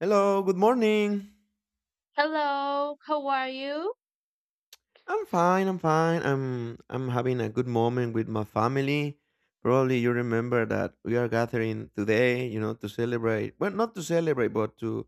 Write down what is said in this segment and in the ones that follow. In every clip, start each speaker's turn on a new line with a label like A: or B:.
A: Hello, good morning.
B: Hello, how are you?
A: I'm fine. I'm fine. I'm having a good moment with my family. Probably you remember that we are gathering today, you know, to celebrate. Well, not to celebrate, but to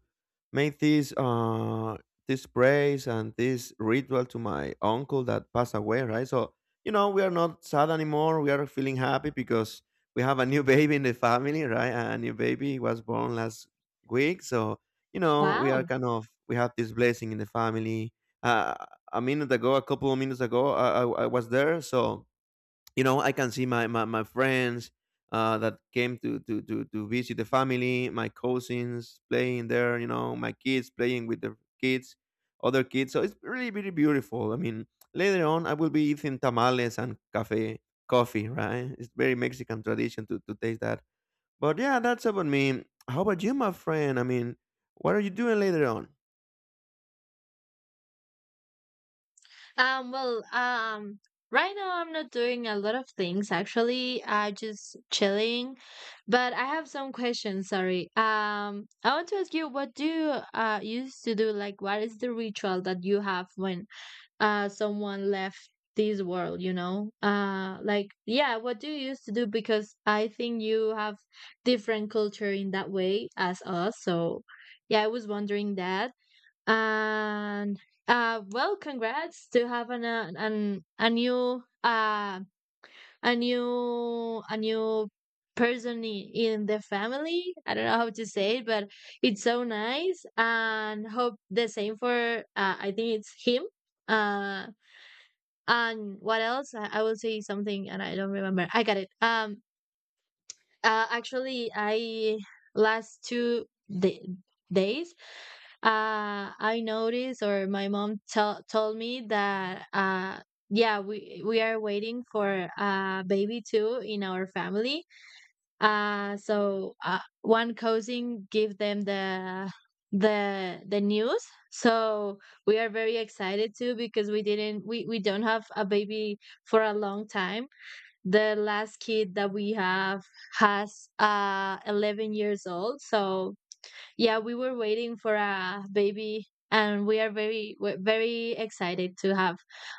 A: make this praise and this ritual to my uncle that passed away, right? So we are not sad anymore. We are feeling happy because we have a new baby in the family, right? A new baby was born last week, so we are
B: Wow.
A: kind of we have this blessing in the family. Uh a couple of minutes ago, I was there, so I can see my friends that came to visit the family, my cousins playing there, my kids playing with their kids, other kids. So it's really really beautiful. I mean, later on I will be eating tamales and cafe coffee, right? It's very Mexican tradition to taste that. But yeah, that's about me. How about you, my friend? I mean, what are you doing later on?
B: Um, well, um, right now I'm not doing a lot of things actually. I just chilling, but I have some questions, sorry. I want to ask you what do you used to do? Like what is the ritual that you have when someone left this world, you know? Yeah, what do you used to do? Because I think you have different culture in that way as us, so yeah, I was wondering that. And well, congrats to have an, a new a new a new person in the family. I don't know how to say it, but it's so nice. And hope the same for I think it's him. Uh, and what else? I will say something, and I don't remember. I got it. Actually, I last two da- days, I noticed, or my mom tell told me that, yeah, we are waiting for a baby too in our family. One cousin give them the news. So we are very excited too because we didn't we don't have a baby for a long time. The last kid that we have has 11 years old, so yeah, we were waiting for a baby, and we're very excited to have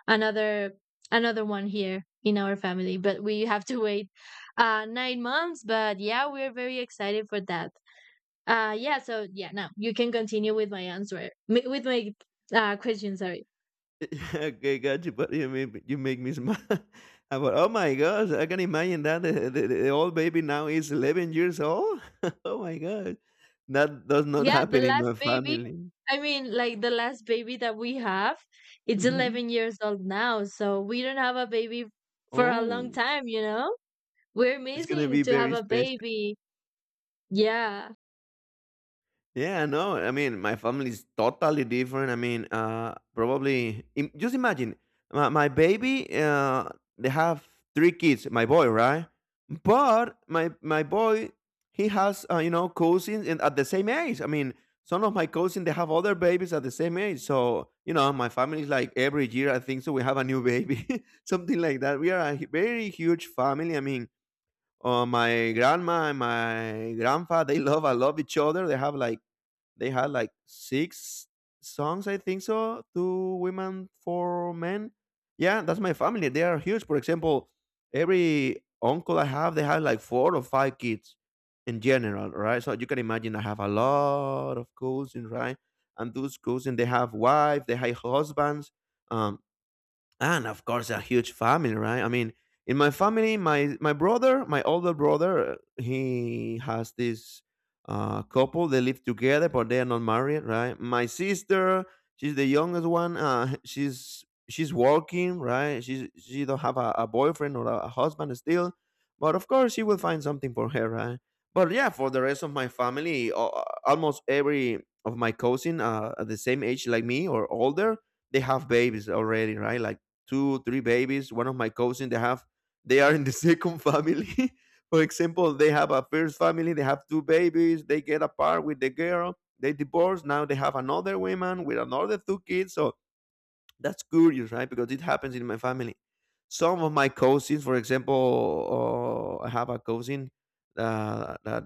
B: another another one here in our family, but we have to wait 9 months. But yeah, we're very excited for that. Yeah, now you can continue with my answer with my question, sorry.
A: Okay, got you, but you make me smile. About, oh my gosh, I can imagine that the old baby now is 11 years old. Oh my god, that does not
B: Yeah, the
A: happen in my
B: last baby.
A: family.
B: I mean, like the last baby that we have, it's
A: Hmm.
B: 11 years old now. So we don't have a baby for a long
A: Oh,
B: time, you know? We're
A: it's gonna
B: missing
A: be
B: to have
A: very
B: a
A: special.
B: baby. Yeah.
A: Yeah, no, I mean, my family's totally different. I mean, probably just imagine my baby. They have three kids. My boy, right? But my boy, he has cousins and at the same age. I mean, some of my cousins they have other babies at the same age. So my family's like every year I think so we have a new baby, something like that. We are a very huge family. I mean, my grandma and my grandpa I love each other. They had like six songs, I think so. Two women, four men. Yeah, that's my family. They are huge. For example, every uncle I have, they have like four or five kids in general, right? So you can imagine I have a lot of cousins, right? And those cousins, they have wives, they have husbands. Um, and of course, a huge family, right? I mean, in my family, my older brother, he has this couple. They live together, but they are not married, right? My sister, she's the youngest one. She's working, right? She don't have a boyfriend or a husband still, but of course she will find something for her, right? But yeah, for the rest of my family, almost every of my cousin, at the same age like me or older, they have babies already, right? Like two, three babies. One of my cousins, they are in the second family. For example, they have a first family, they have two babies, they get apart with the girl, they divorce. Now they have another woman with another two kids. So that's curious, right? Because it happens in my family. Some of my cousins, for example, I have a cousin, that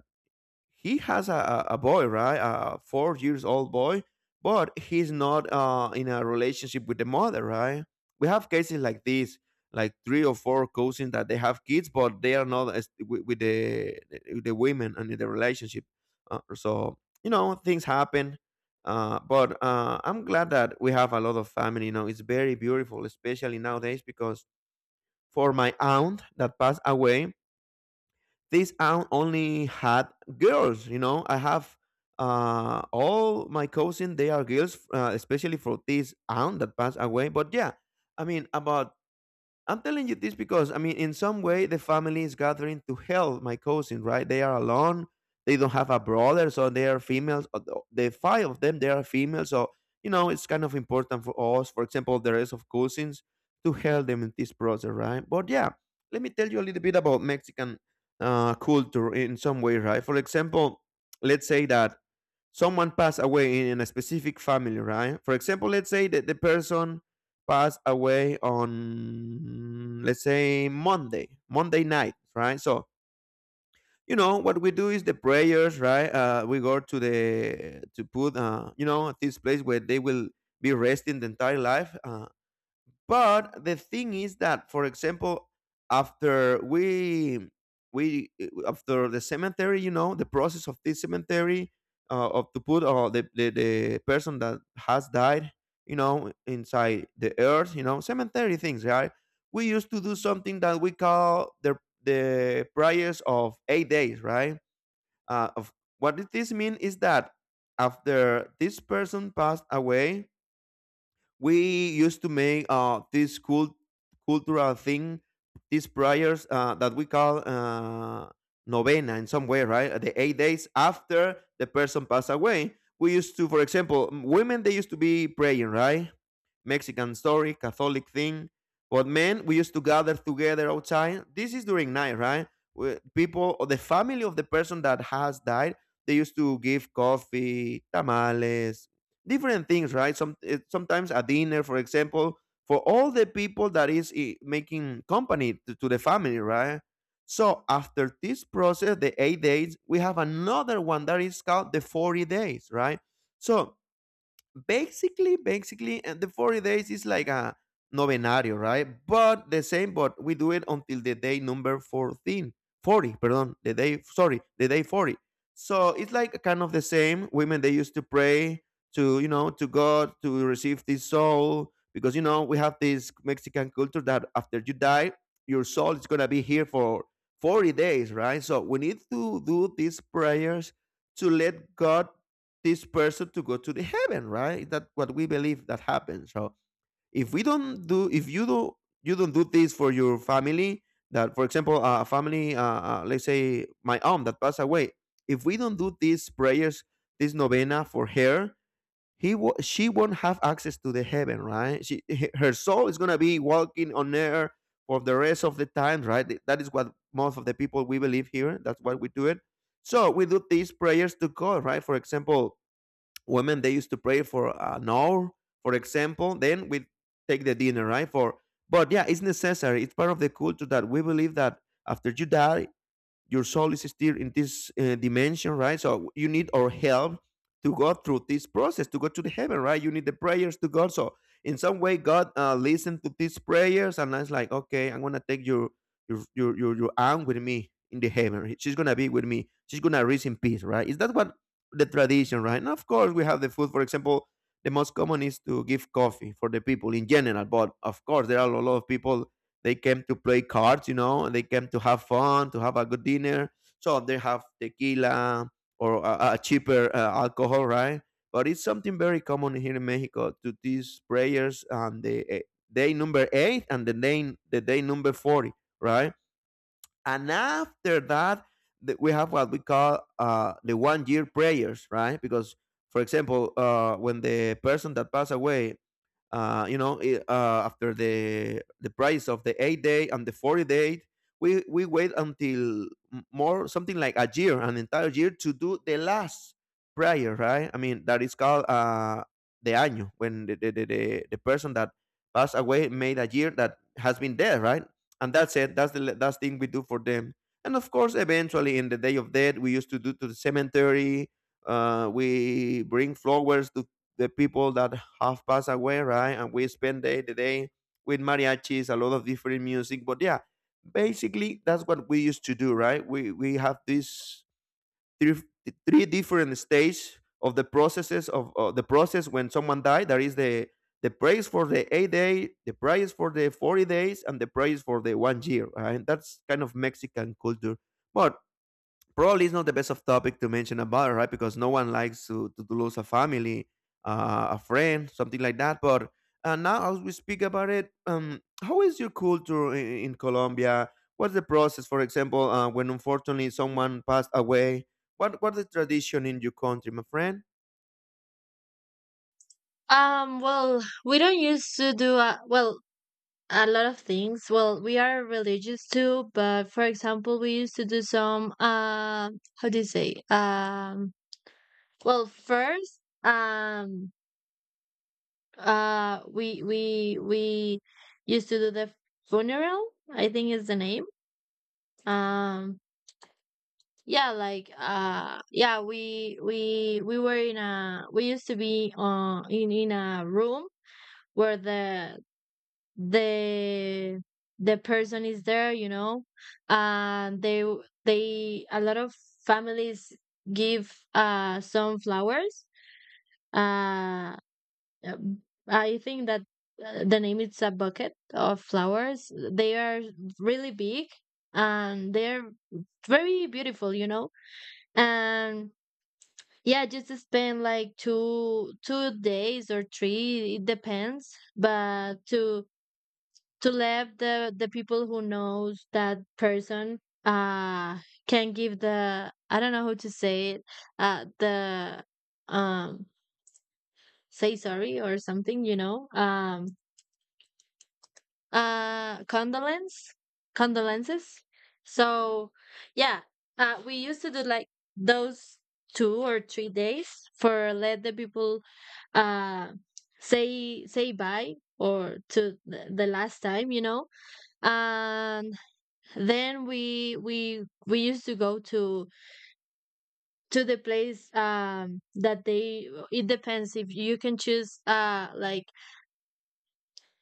A: he has a boy, right? A 4 years old boy, but he's not in a relationship with the mother, right? We have cases like this, like three or four cousins that they have kids, but they are not with the women and in the relationship. So things happen. But I'm glad that we have a lot of family. It's very beautiful, especially nowadays, because for my aunt that passed away, this aunt only had girls. I have all my cousins, they are girls, especially for this aunt that passed away. But yeah, I mean, about I'm telling you this because, I mean, in some way, the family is gathering to help my cousin, right? They are alone. They don't have a brother, so they are females. The five of them, they are female, so it's kind of important for us. For example, the rest of cousins to help them in this process, right? But yeah, let me tell you a little bit about Mexican culture in some way, right? For example, let's say that someone passed away in a specific family, right? For example, let's say that the person passed away on, let's say, Monday, Monday night, right? So, you know, what we do is the prayers, right? We go to to put, this place where they will be resting the entire life. But the thing is that, for example, after we after the cemetery, you know, the process of this cemetery, of to put, the person that has died, you know, inside the earth, you know, cemetery things, right? We used to do something that we call the prayers of 8 days, right? Of what did this mean is that after this person passed away, we used to make this cultural thing, these prayers, that we call, novena in some way, right? The 8 days after the person passed away. We used to, for example, women, they used to be praying, right? Mexican story, Catholic thing. But men, we used to gather together outside. This is during night, right? Where people or the family of the person that has died, they used to give coffee, tamales, different things, right? Sometimes a dinner, for example, for all the people that is making company to the family, right? So after this process, the 8 days, we have another one that is called the 40 days, right? So basically, and the 40 days is like a novenario, right? But the same, but we do it until the day number 14, 40. 40, pardon, the day, sorry, the day 40. So it's like kind of the same. Women, they used to pray to God to receive this soul because, you know, we have this Mexican culture that after you die, your soul is going to be here for 40 days, right? So we need to do these prayers to let God this person to go to the heaven, right? That what we believe that happens. So if we don't do, if you do, you don't do this for your family. That, for example, a family, let's say my aunt that passed away. If we don't do these prayers, this novena for her, she won't have access to the heaven, right? Her soul is gonna be walking on air for the rest of the time, right? That is what most of the people we believe here. That's why we do it. So we do these prayers to God, right? For example, women they used to pray for an hour, for example. Then we take the dinner, right? For but yeah, it's necessary. It's part of the culture that we believe that after you die, your soul is still in this dimension, right? So you need our help to go through this process, to go to the heaven, right? You need the prayers to God. So in some way, God listened to these prayers, and it's like, okay, I'm gonna take your aunt with me in the heaven. She's gonna be with me. She's gonna rest in peace, right? Is that what the tradition, right? And of course, we have the food. For example, the most common is to give coffee for the people in general, but of course, there are a lot of people, they came to play cards, you know, and they came to have fun, to have a good dinner. So they have tequila or a cheaper alcohol, right? But it's something very common here in Mexico to these prayers on the day number eight and the day number 40, right? And after that, we have what we call, the 1 year prayers, right? Because, for example, when the person that passed away, after the price of the 8 day and the 40 day, we wait until more something like a year, an entire year to do the last prayer, right? I mean, that is called, the año when the person that passed away made a year that has been there, right? And that's it. That's the that's thing we do for them. And of course, eventually, in the day of death, we used to do to the cemetery. We bring flowers to the people that have passed away, right? And we spend day with mariachis, a lot of different music. But yeah, basically that's what we used to do, right? We have these three three different stages of the processes of the process when someone died. There is the praise for the 8 day, the praise for the 40 days, and the praise for the one year. Right? That's kind of Mexican culture. But probably it's not the best of topic to mention about it, right? Because no one likes to lose a family, a friend, something like that. But Now as we speak about it, how is your culture in Colombia? What's the process? For example, when unfortunately someone passed away, what's the tradition in your country, my friend?
B: Well, we don't used to do a, well, a lot of things. Well, we are religious too, but for example, we used to do some how do you say? Well, first, we used to do the funeral. I think is the name. Um, yeah, like yeah, we were in a we used to be in a room where the the person is there, you know. Uh, they they A lot of families give some flowers. Uh Um, I think that the name is a bucket of flowers. They are really big and they're very beautiful, you know. And yeah, just to spend like 2 two days or three, it depends. But to let the people who knows that person uh can give the, I don't know how to say it, the um say sorry or something, you know. Uh, condolence, condolences. So, yeah, we used to do like those 2 or 3 days for let the people uh say bye or to the last time, you know. And then we used to go to the place that they, it depends if you can choose uh like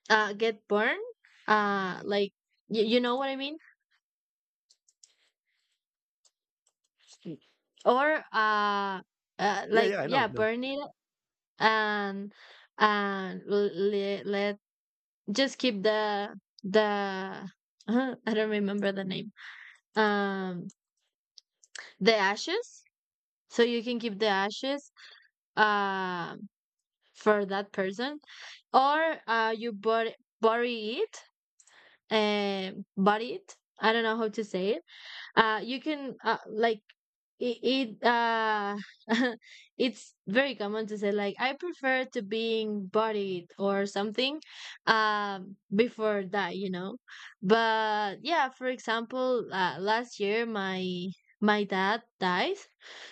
B: uh get burned, uh like you know what I mean? Mm. Or
A: Yeah, yeah, I
B: yeah,
A: know, I
B: burn it, and and let, let just keep the, I don't remember the name, um the ashes. So you can keep the ashes um for that person, or you bury bury it bury it, I don't know how to say it. You can like it, it it's very common to say like I prefer to being bodied or something before that, you know. But yeah, for example, last year my my dad died,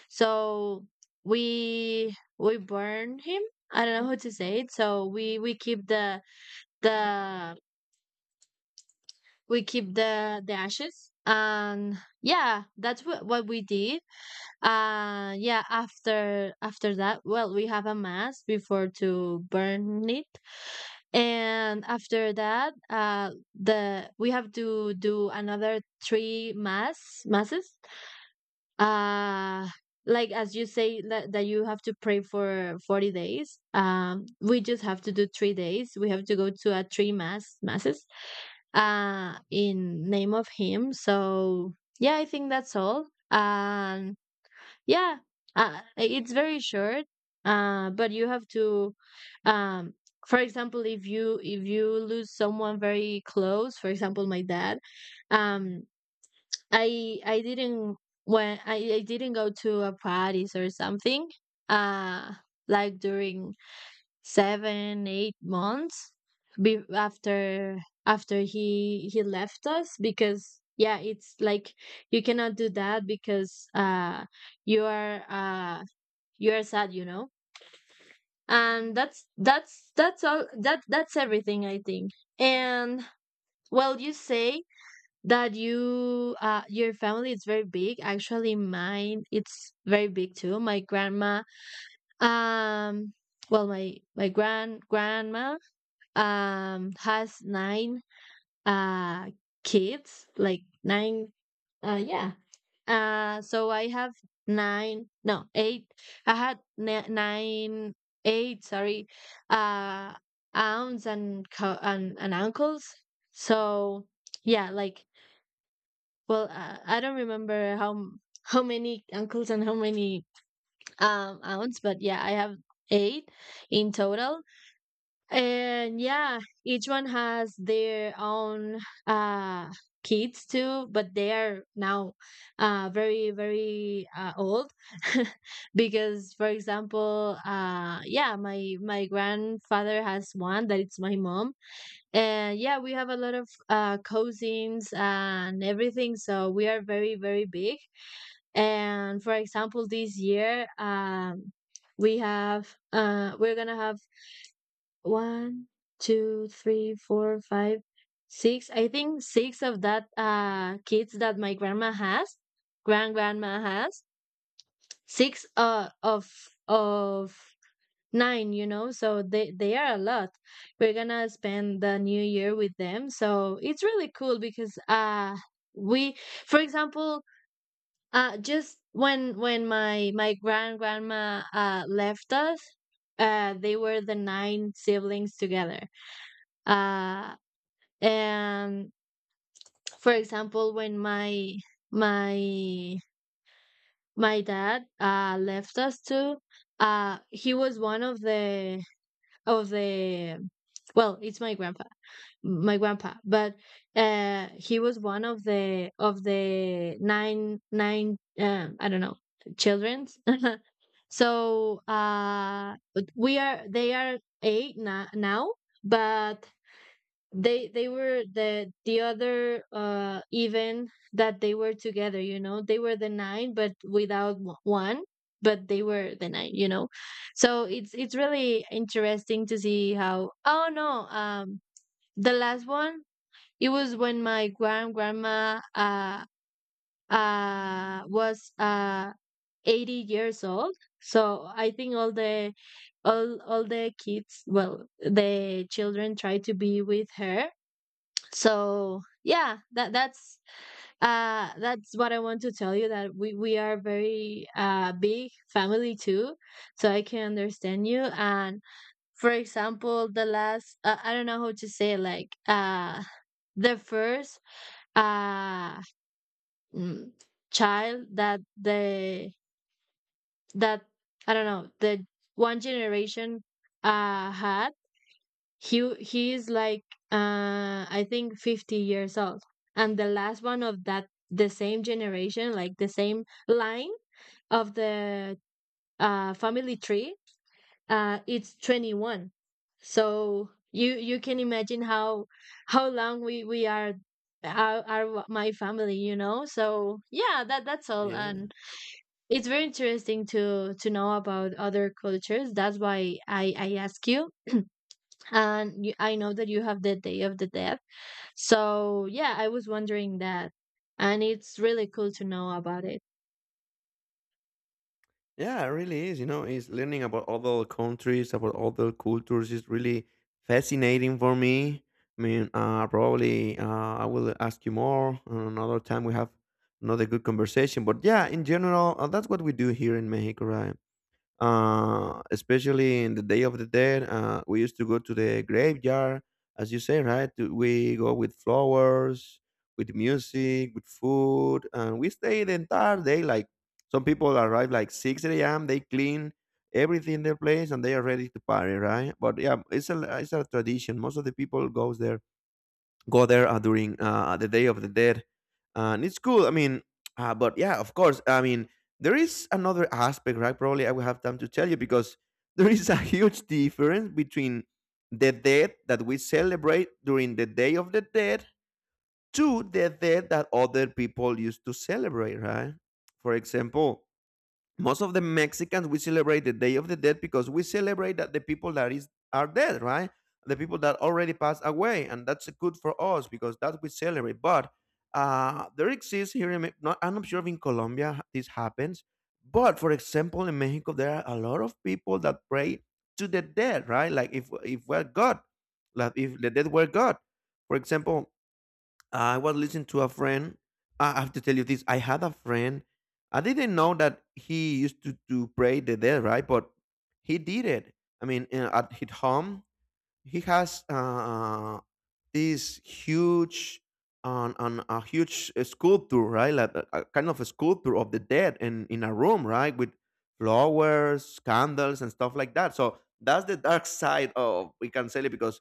B: so we burn him, I don't know how to say it, so we keep the, we keep the ashes. And yeah, that's what we did. Yeah, after that, well, we have a mass before to burn it. And after that, the we have to do another three masses. Uh like as you say that, that you have to pray for 40 days. Um, we just have to do 3 days. We have to go to a three masses in name of him. So, yeah, I think that's all. And yeah, it's very short. But you have to, um, for example, if you lose someone very close, for example, my dad, um, I didn't when I didn't go to a parties or something, uh, like during 7 8 months, be- after after he left us. Because yeah, it's like you cannot do that because you are uh you are sad, you know. And that's all that that's everything, I think. And well, you say that you your family is very big. Actually mine it's very big too. My grandma, um well my grand grandma has nine uh kids, like nine. uh yeah so I have nine no eight I had ni- 9 8 sorry, uh aunts and and uncles. So yeah, like, well, I don't remember how how many uncles and how many aunts. But yeah, I have eight in total. And yeah, each one has their own uh kids too, but they are now very very old because for example, my my grandfather has one that it's my mom. And yeah, we have a lot of cousins and everything, so we are very very big. And for example, this year we have we're going to have one, two, three, four, five, six. I think six of that kids that my grandma has, grandma has. Six of of nine, you know, so they are a lot. We're gonna spend the new year with them, so it's really cool because we, for example, just when my grand grandma left us, they were the nine siblings together. Uh and For example, when my my dad left us too, he was one of the of the well, it's my grandpa, my grandpa. But he was one of the nine, I don't know, children's so we are, they are eight now. But they were the other, even that they were together, you know, they were the nine but without one. But they were the nine, you know. So it's really interesting to see how. Oh no, the last one, it was when my grand grandma was 80 years old. So I think all the, all the kids, well, the children try to be with her. So yeah, that that's what I want to tell you, that we are very big family too. So I can understand you. And for example, the last, I don't know how to say it, like the first uh mm, child that the that I don't know, the one generation had, he is like I think 50 years old. And the last one of that the same generation, like the same line of the family tree, it's 21. So you can imagine how long we are are my family, you know? So yeah, that that's all.
A: know.
B: And it's very interesting to know about other cultures. That's why I ask you. And you, I know that you have the Day of the Dead. So yeah, I was wondering that, and it's really cool to know about it.
A: Yeah, it really is. You know, it's learning about other countries, about other cultures is really fascinating for me. I mean, probably I will ask you more on another time. We have another good conversation. But yeah, in general, that's what we do here in Mexico, right? Especially in the Day of the Dead. We used to go to the graveyard, as you say, right? We go with flowers, with music, with food, and we stay the entire day. Like some people arrive like six a.m. They clean everything in their place and they are ready to party, right? But yeah, it's a tradition. Most of the people goes there go there during the Day of the Dead, and it's cool. I mean, but yeah, of course. I mean, there is another aspect, right? Probably I will have time to tell you because there is a huge difference between the dead that we celebrate during the Day of the Dead to the dead that other people used to celebrate, right? For example, most of the Mexicans we celebrate the Day of the Dead because we celebrate that the people that is are dead, right? The people that already passed away, and that's good for us because that we celebrate. But there exists here. Not, I'm not sure if in Colombia this happens, but for example, in Mexico there are a lot of people that pray to the dead, right? Like if we're God, like if the dead were God, for example, I was listening to a friend. I have to tell you this. I had a friend. I didn't know that he used to pray the dead, right? But he did it. I mean, at his home, he has this huge on a huge sculpture, right? Like a kind of a sculpture of the dead in a room, right? With flowers, candles, and stuff like that. So that's the dark side of we can say it because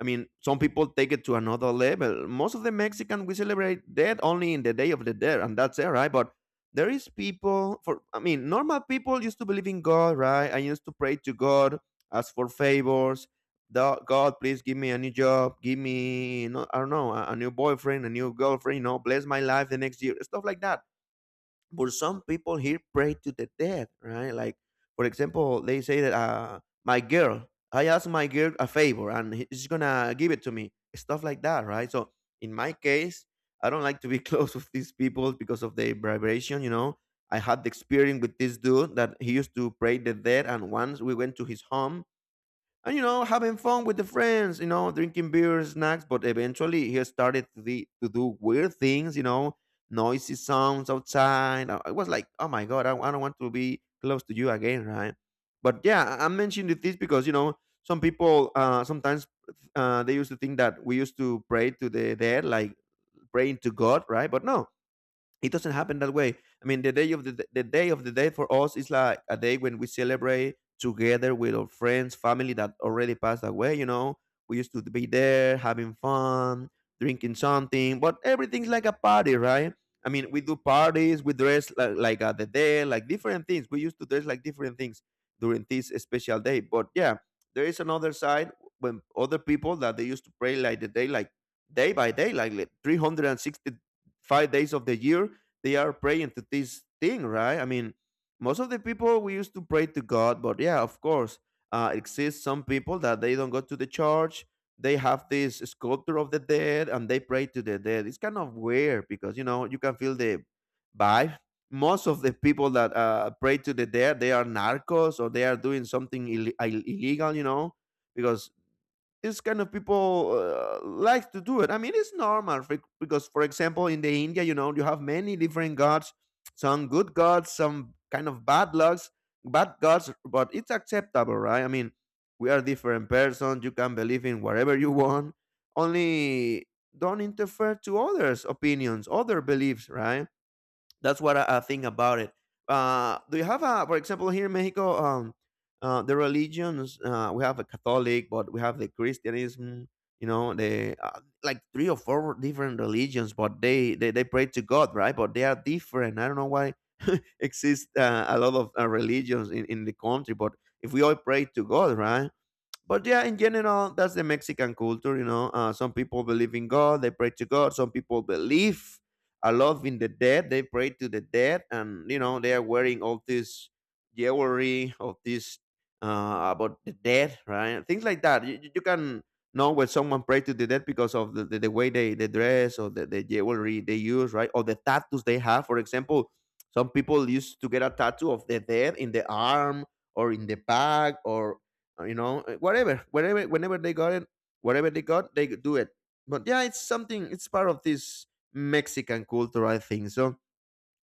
A: I mean some people take it to another level. Most of the Mexican we celebrate death only in the day of the dead, and that's it, right? But there is people for I mean normal people used to believe in God, right? I used to pray to God, ask for favors, the God, please give me a new job, give me, no, I don't know, a new boyfriend, a new girlfriend, you know, bless my life the next year, stuff like that. But some people here pray to the dead, right? Like, for example, they say that, my girl, I asked my girl a favor and she's gonna give it to me, stuff like that, right? So in my case, I don't like to be close with these people because of their vibration, you know. I had the experience with this dude that he used to pray the dead, and once we went to his home, and you know having fun with the friends, you know, drinking beer snacks, but eventually he started to do weird things, you know, noisy sounds outside. I was like, oh my god, I don't want to be close to you again, right? But yeah, I'm mentioning this because you know some people sometimes they used to think that we used to pray to the dead like praying to god, right? But no, it doesn't happen that way. I mean, the day of the day for us is like a day when we celebrate together with our friends, family that already passed away. You know, we used to be there having fun, drinking something, but everything's like a party, right? I mean, we do parties, we dress like at the day, like different things. We used to dress like different things during this special day. But yeah, there is another side when other people that they used to pray like the day, like day by day, like 360 five days of the year they are praying to this thing, right? I mean, most of the people we used to pray to God, but yeah, of course, exists some people that they don't go to the church. They have this sculpture of the dead and they pray to the dead. It's kind of weird because you know you can feel the vibe. Most of the people that pray to the dead, they are narcos or they are doing something illegal, you know, because this kind of people like to do it. I mean, it's normal for, because, for example, in the India, you know, you have many different gods, some good gods, some kind of bad lucks, bad gods, but it's acceptable, right? I mean, we are different persons. You can believe in whatever you want. Only don't interfere to others' opinions, other beliefs, right? That's what I think about it. Do you have a, for example, here in Mexico, the religions? We have a Catholic, but we have the Christianism. You know, the like three or four different religions, but they pray to God, right? But they are different. I don't know why exist a lot of religions in the country, but if we all pray to God, right? But yeah, in general, that's the Mexican culture. You know, some people believe in God, they pray to God. Some people believe a lot in the dead, they pray to the dead, and you know, they are wearing all this jewelry of this about the dead, right? Things like that. You can know when someone pray to the dead because of the way they dress or the jewelry they use, right? Or the tattoos they have. For example, some people used to get a tattoo of the dead in the arm or in the back or you know, whatever, wherever, whenever they got it, whatever they got, they do it. But yeah, it's something, it's part of this mexican culture, I think. So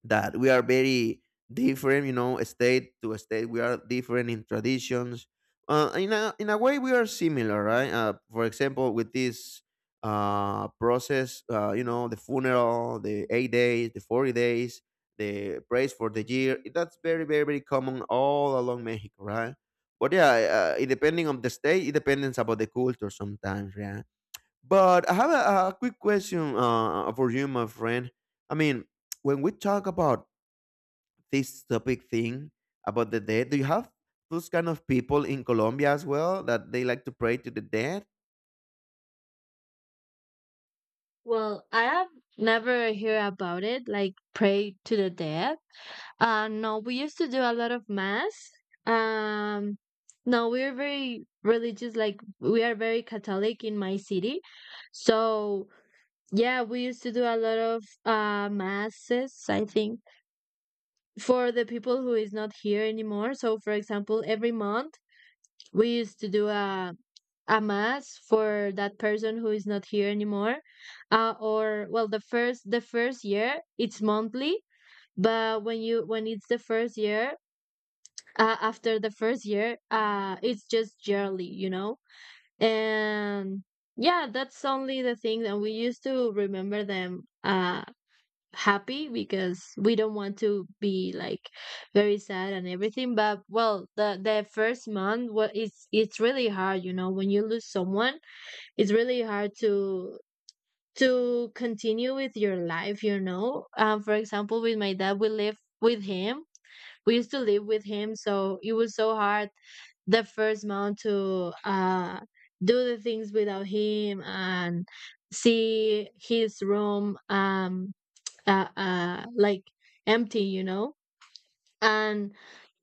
A: that we are very different, you know, state to state. We are different in traditions. In a way, we are similar, right? For example, with this process, you know, the funeral, the 8 days, the 40 days, the praise for the year. That's very very very common all along Mexico, right? But yeah, it depending on the state, it depends about the culture sometimes, yeah. But I have a quick question for you, my friend. I mean, when we talk about this topic thing about the dead. Do you have those kind of people in Colombia as well that they like to pray to the dead?
B: Well, I have never hear about it, like pray to the dead. No, we used to do a lot of mass. Um, no, we're very religious, like we are very Catholic in my city. So yeah, we used to do a lot of masses, I think, for the people who is not here anymore. So for example, every month we used to do a mass for that person who is not here anymore, or well, the first year it's monthly, but when it's the first year, after the first year, it's just yearly, you know. And yeah, that's only the thing that we used to remember them, happy, because we don't want to be like very sad and everything. But well, the first month, what it's really hard, you know, when you lose someone. It's really hard to continue with your life, you know. For example, with my dad, we live with him, we used to live with him, so it was so hard the first month to do the things without him and see his room, like empty, you know. And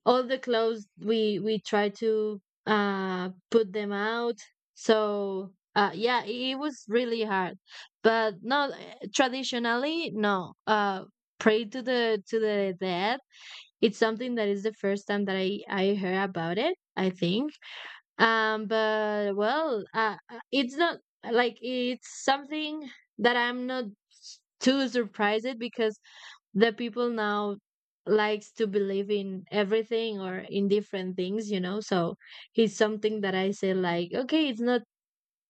B: all the clothes, we try to put them out. So yeah, it was really hard. But no, traditionally, no, pray to the dead, it's something that is the first time that I heard about it, I think. But well, it's not like it's something that I'm not too surprised, because the people now likes to believe in everything or in different things, you know. So it's something that I say like okay, it's not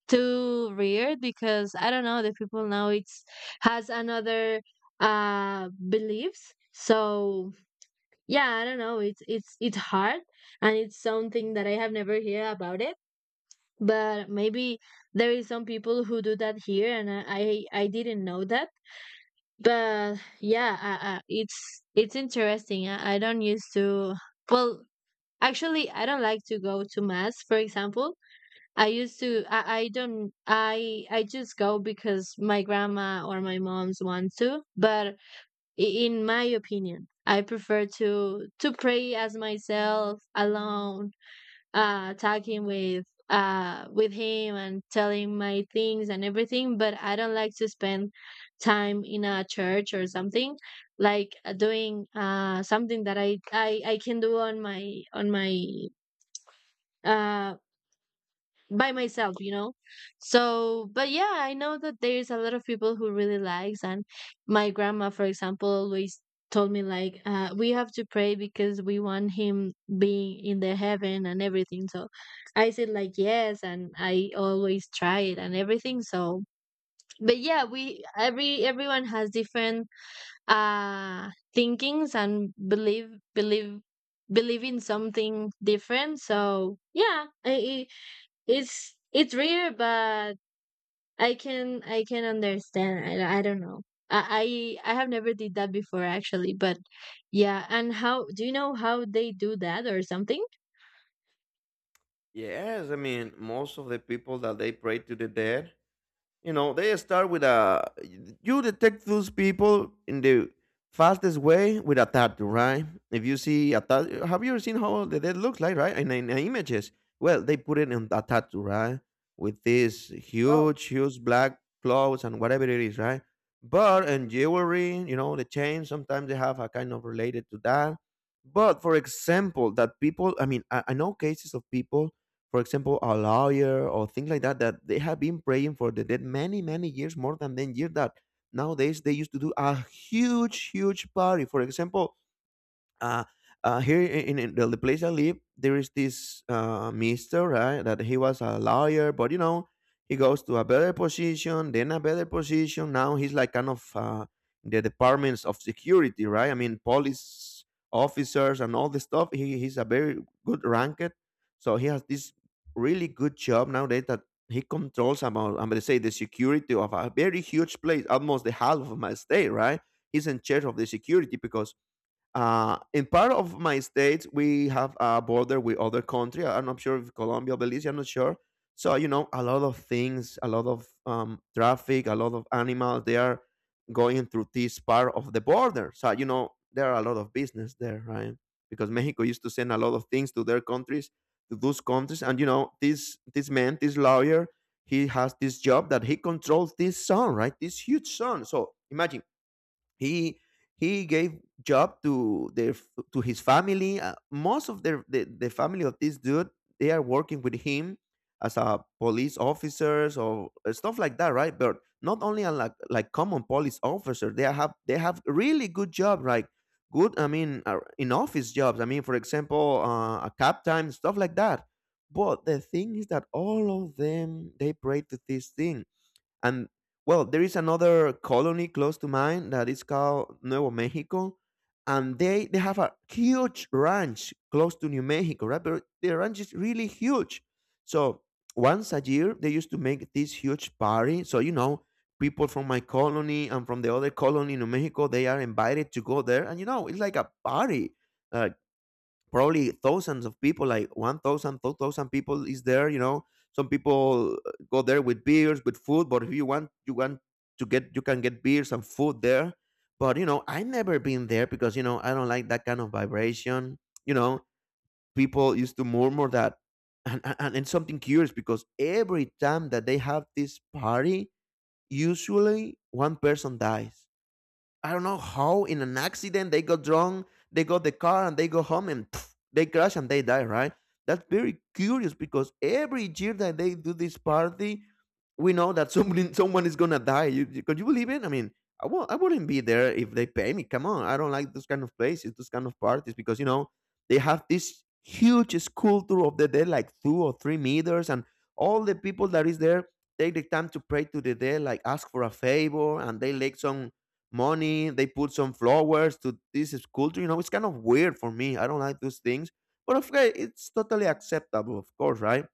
B: too weird, because I don't know, the people now it's has another beliefs. So yeah, I don't know, it's hard. And it's something that I have never hear about it, but maybe there is some people who do that here and I didn't know that. But yeah, it's interesting. I don't used to, well, actually I don't like to go to mass, for example. I don't, I just go because my grandma or my mom's want to, but in my opinion, I prefer to pray as myself alone, talking with him and telling my things and everything. But I don't like to spend time in a church or something, like doing something that I can do on my uh by myself, you know. So, but yeah, I know that there's a lot of people who really likes. And my grandma, for example, always told me like, we have to pray because we want him being in the heaven and everything. So I said like yes, and I always try it and everything. So, but yeah, we every everyone has different thinkings and believe believe in something different. So yeah, I, it's rare, but I can understand. I don't know. I have never did that before, actually. But yeah. And how do you know how they do that or something?
A: Yes, I mean, most of the people that they pray to the dead, you know, they start with a. You detect those people in the fastest way with a tattoo, right? If you see a tattoo, have you ever seen how the dead looks like, right? In images, well, they put it in a tattoo, right? With this
B: Oh,
A: huge, huge black clothes and whatever it is, right? But in jewelry, you know, the chains sometimes they have a kind of related to that. But for example, that people, I mean, I know cases of people for example, a lawyer or things like that, that they have been praying for the dead many, many years, more than 10 years, that nowadays they used to do a huge, huge party. For example, uh, here in the place I live, there is this mister, right? That he was a lawyer, but you know, he goes to a better position, then a better position. Now he's like kind of the departments of security, right? I mean, police officers and all the stuff. He's a very good ranked, so he has this really good job nowadays that he controls about. I'm gonna say the security of a very huge place, almost the half of my state, right? He's in charge of the security because in part of my state, we have a border with other country. I'm not sure if Colombia, Belize. I'm not sure. So you know, a lot of things, a lot of traffic, a lot of animals. They are going through this part of the border. So you know, there are a lot of business there, right? Because Mexico used to send a lot of things to their countries, to those countries, and you know, this man, this lawyer, he has this job that he controls this sun, right? This huge sun. So imagine he he gave job to his family, most of the family of this dude. They are working with him as a police officers or stuff like that, right? But not only are like common police officer. They have really good job like good. I mean, in office jobs. I mean, for example, a captain, stuff like that. But the thing is that all of them, they pray to this thing. And well, there is another colony close to mine that is called Nuevo Mexico, and they have a huge ranch close to New Mexico, right? But their ranch is really huge. So once a year, they used to make this huge party. So you know, people from my colony and from the other colony in New Mexico, they are invited to go there, and you know, it's like a party. uh, Probably thousands of people, like 1,000, 2,000 people is there, you know. Some people go there with beers, with food, but if you want, to get, you can get beers and food there. But, you know, I never been there because, you know, I don't like that kind of vibration. You know, people used to murmur that. And something curious, because every time that they have this party, usually one person dies. I don't know how, in an accident they got drunk, they got the car and they go home and pff, they crash and they die, right? That's very curious because every year that they do this party, we know that someone is gonna die. Could you believe it? I mean, I wouldn't be there if they pay me. Come on, I don't like those kind of places, those kind of parties, because you know they have this huge sculpture of the dead, like 2 or 3 meters, and all the people that is there take the time to pray to the dead, like ask for a favor, and they like some money. They put some flowers to this sculpture. You know, it's kind of weird for me. I don't like those things, but okay, it's totally acceptable, of course, right?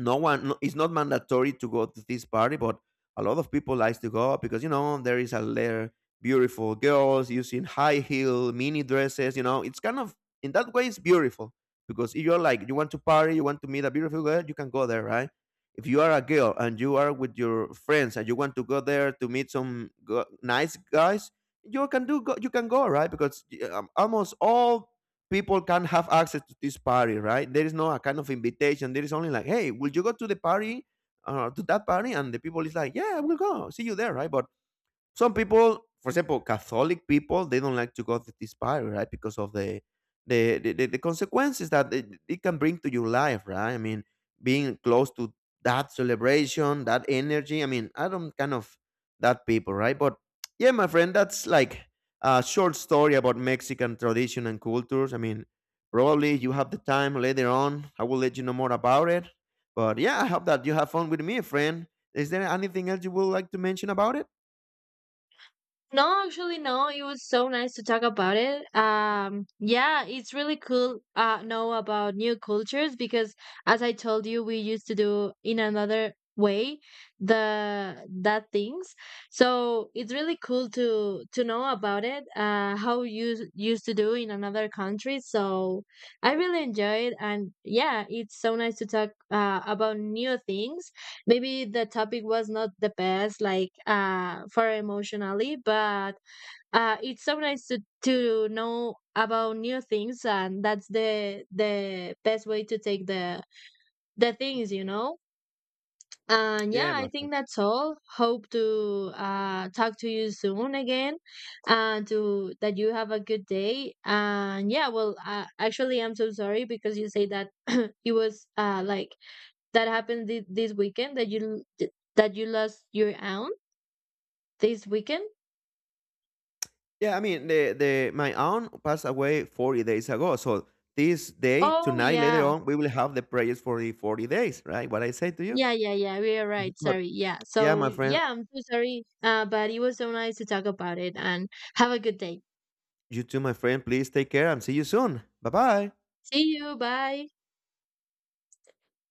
A: No, it's not mandatory to go to this party, but a lot of people likes to go because you know there is a layer, beautiful girls using high heel mini dresses. You know, it's kind of, in that way, it's beautiful, because if you're like, you want to party, you want to meet a beautiful girl, you can go there, right? If you are a girl and you are with your friends and you want to go there to meet nice guys, you can go, right? Because almost all people can have access to this party, right? There is no a kind of invitation. There is only like, hey, will you go to the party, to that party? And the people is like, yeah, I will go. See you there, right? But some people, for example, catholic people, they don't like to go to this party, right? Because of the consequences that it can bring to your life, right? I mean, being close to that celebration, that energy, I mean, I don't kind of that people, right? But yeah, my friend, that's like a short story about mexican tradition and cultures. I mean, probably you have the time later on, I will let you know more about it. But yeah, I hope that you have fun with me, friend. Is there anything else you would like to mention about it?
B: No, actually, no. It was so nice to talk about it. Yeah, it's really cool know about new cultures, because as I told you, we used to do in another way the that things. So it's really cool to know about it, how you used to do in another country. So I really enjoy it. And yeah, it's so nice to talk about new things. Maybe the topic was not the best, like for emotionally, but it's so nice to know about new things, and that's the best way to take the things, you know. And yeah,
A: Yeah,
B: I
A: my
B: think
A: friend.
B: that's all. Hope to talk to you soon again. And to that, you have a good day. And yeah, well, actually I'm so sorry because you say that it was like that happened this weekend, that you lost your aunt this weekend.
A: Yeah, I mean, the my aunt passed away 40 days ago. So this day,
B: Oh
A: tonight, later
B: yeah,
A: on, we will have the prayers for the 40 days, right? What I say to you.
B: yeah, yeah, yeah, we are right,
A: But
B: sorry. Yeah,
A: yeah,
B: so
A: my friend,
B: yeah, I'm so sorry, but it was so nice to talk about it. And have a good day.
A: you too, my friend. Please take care and see you soon. Bye bye.
B: See you, bye.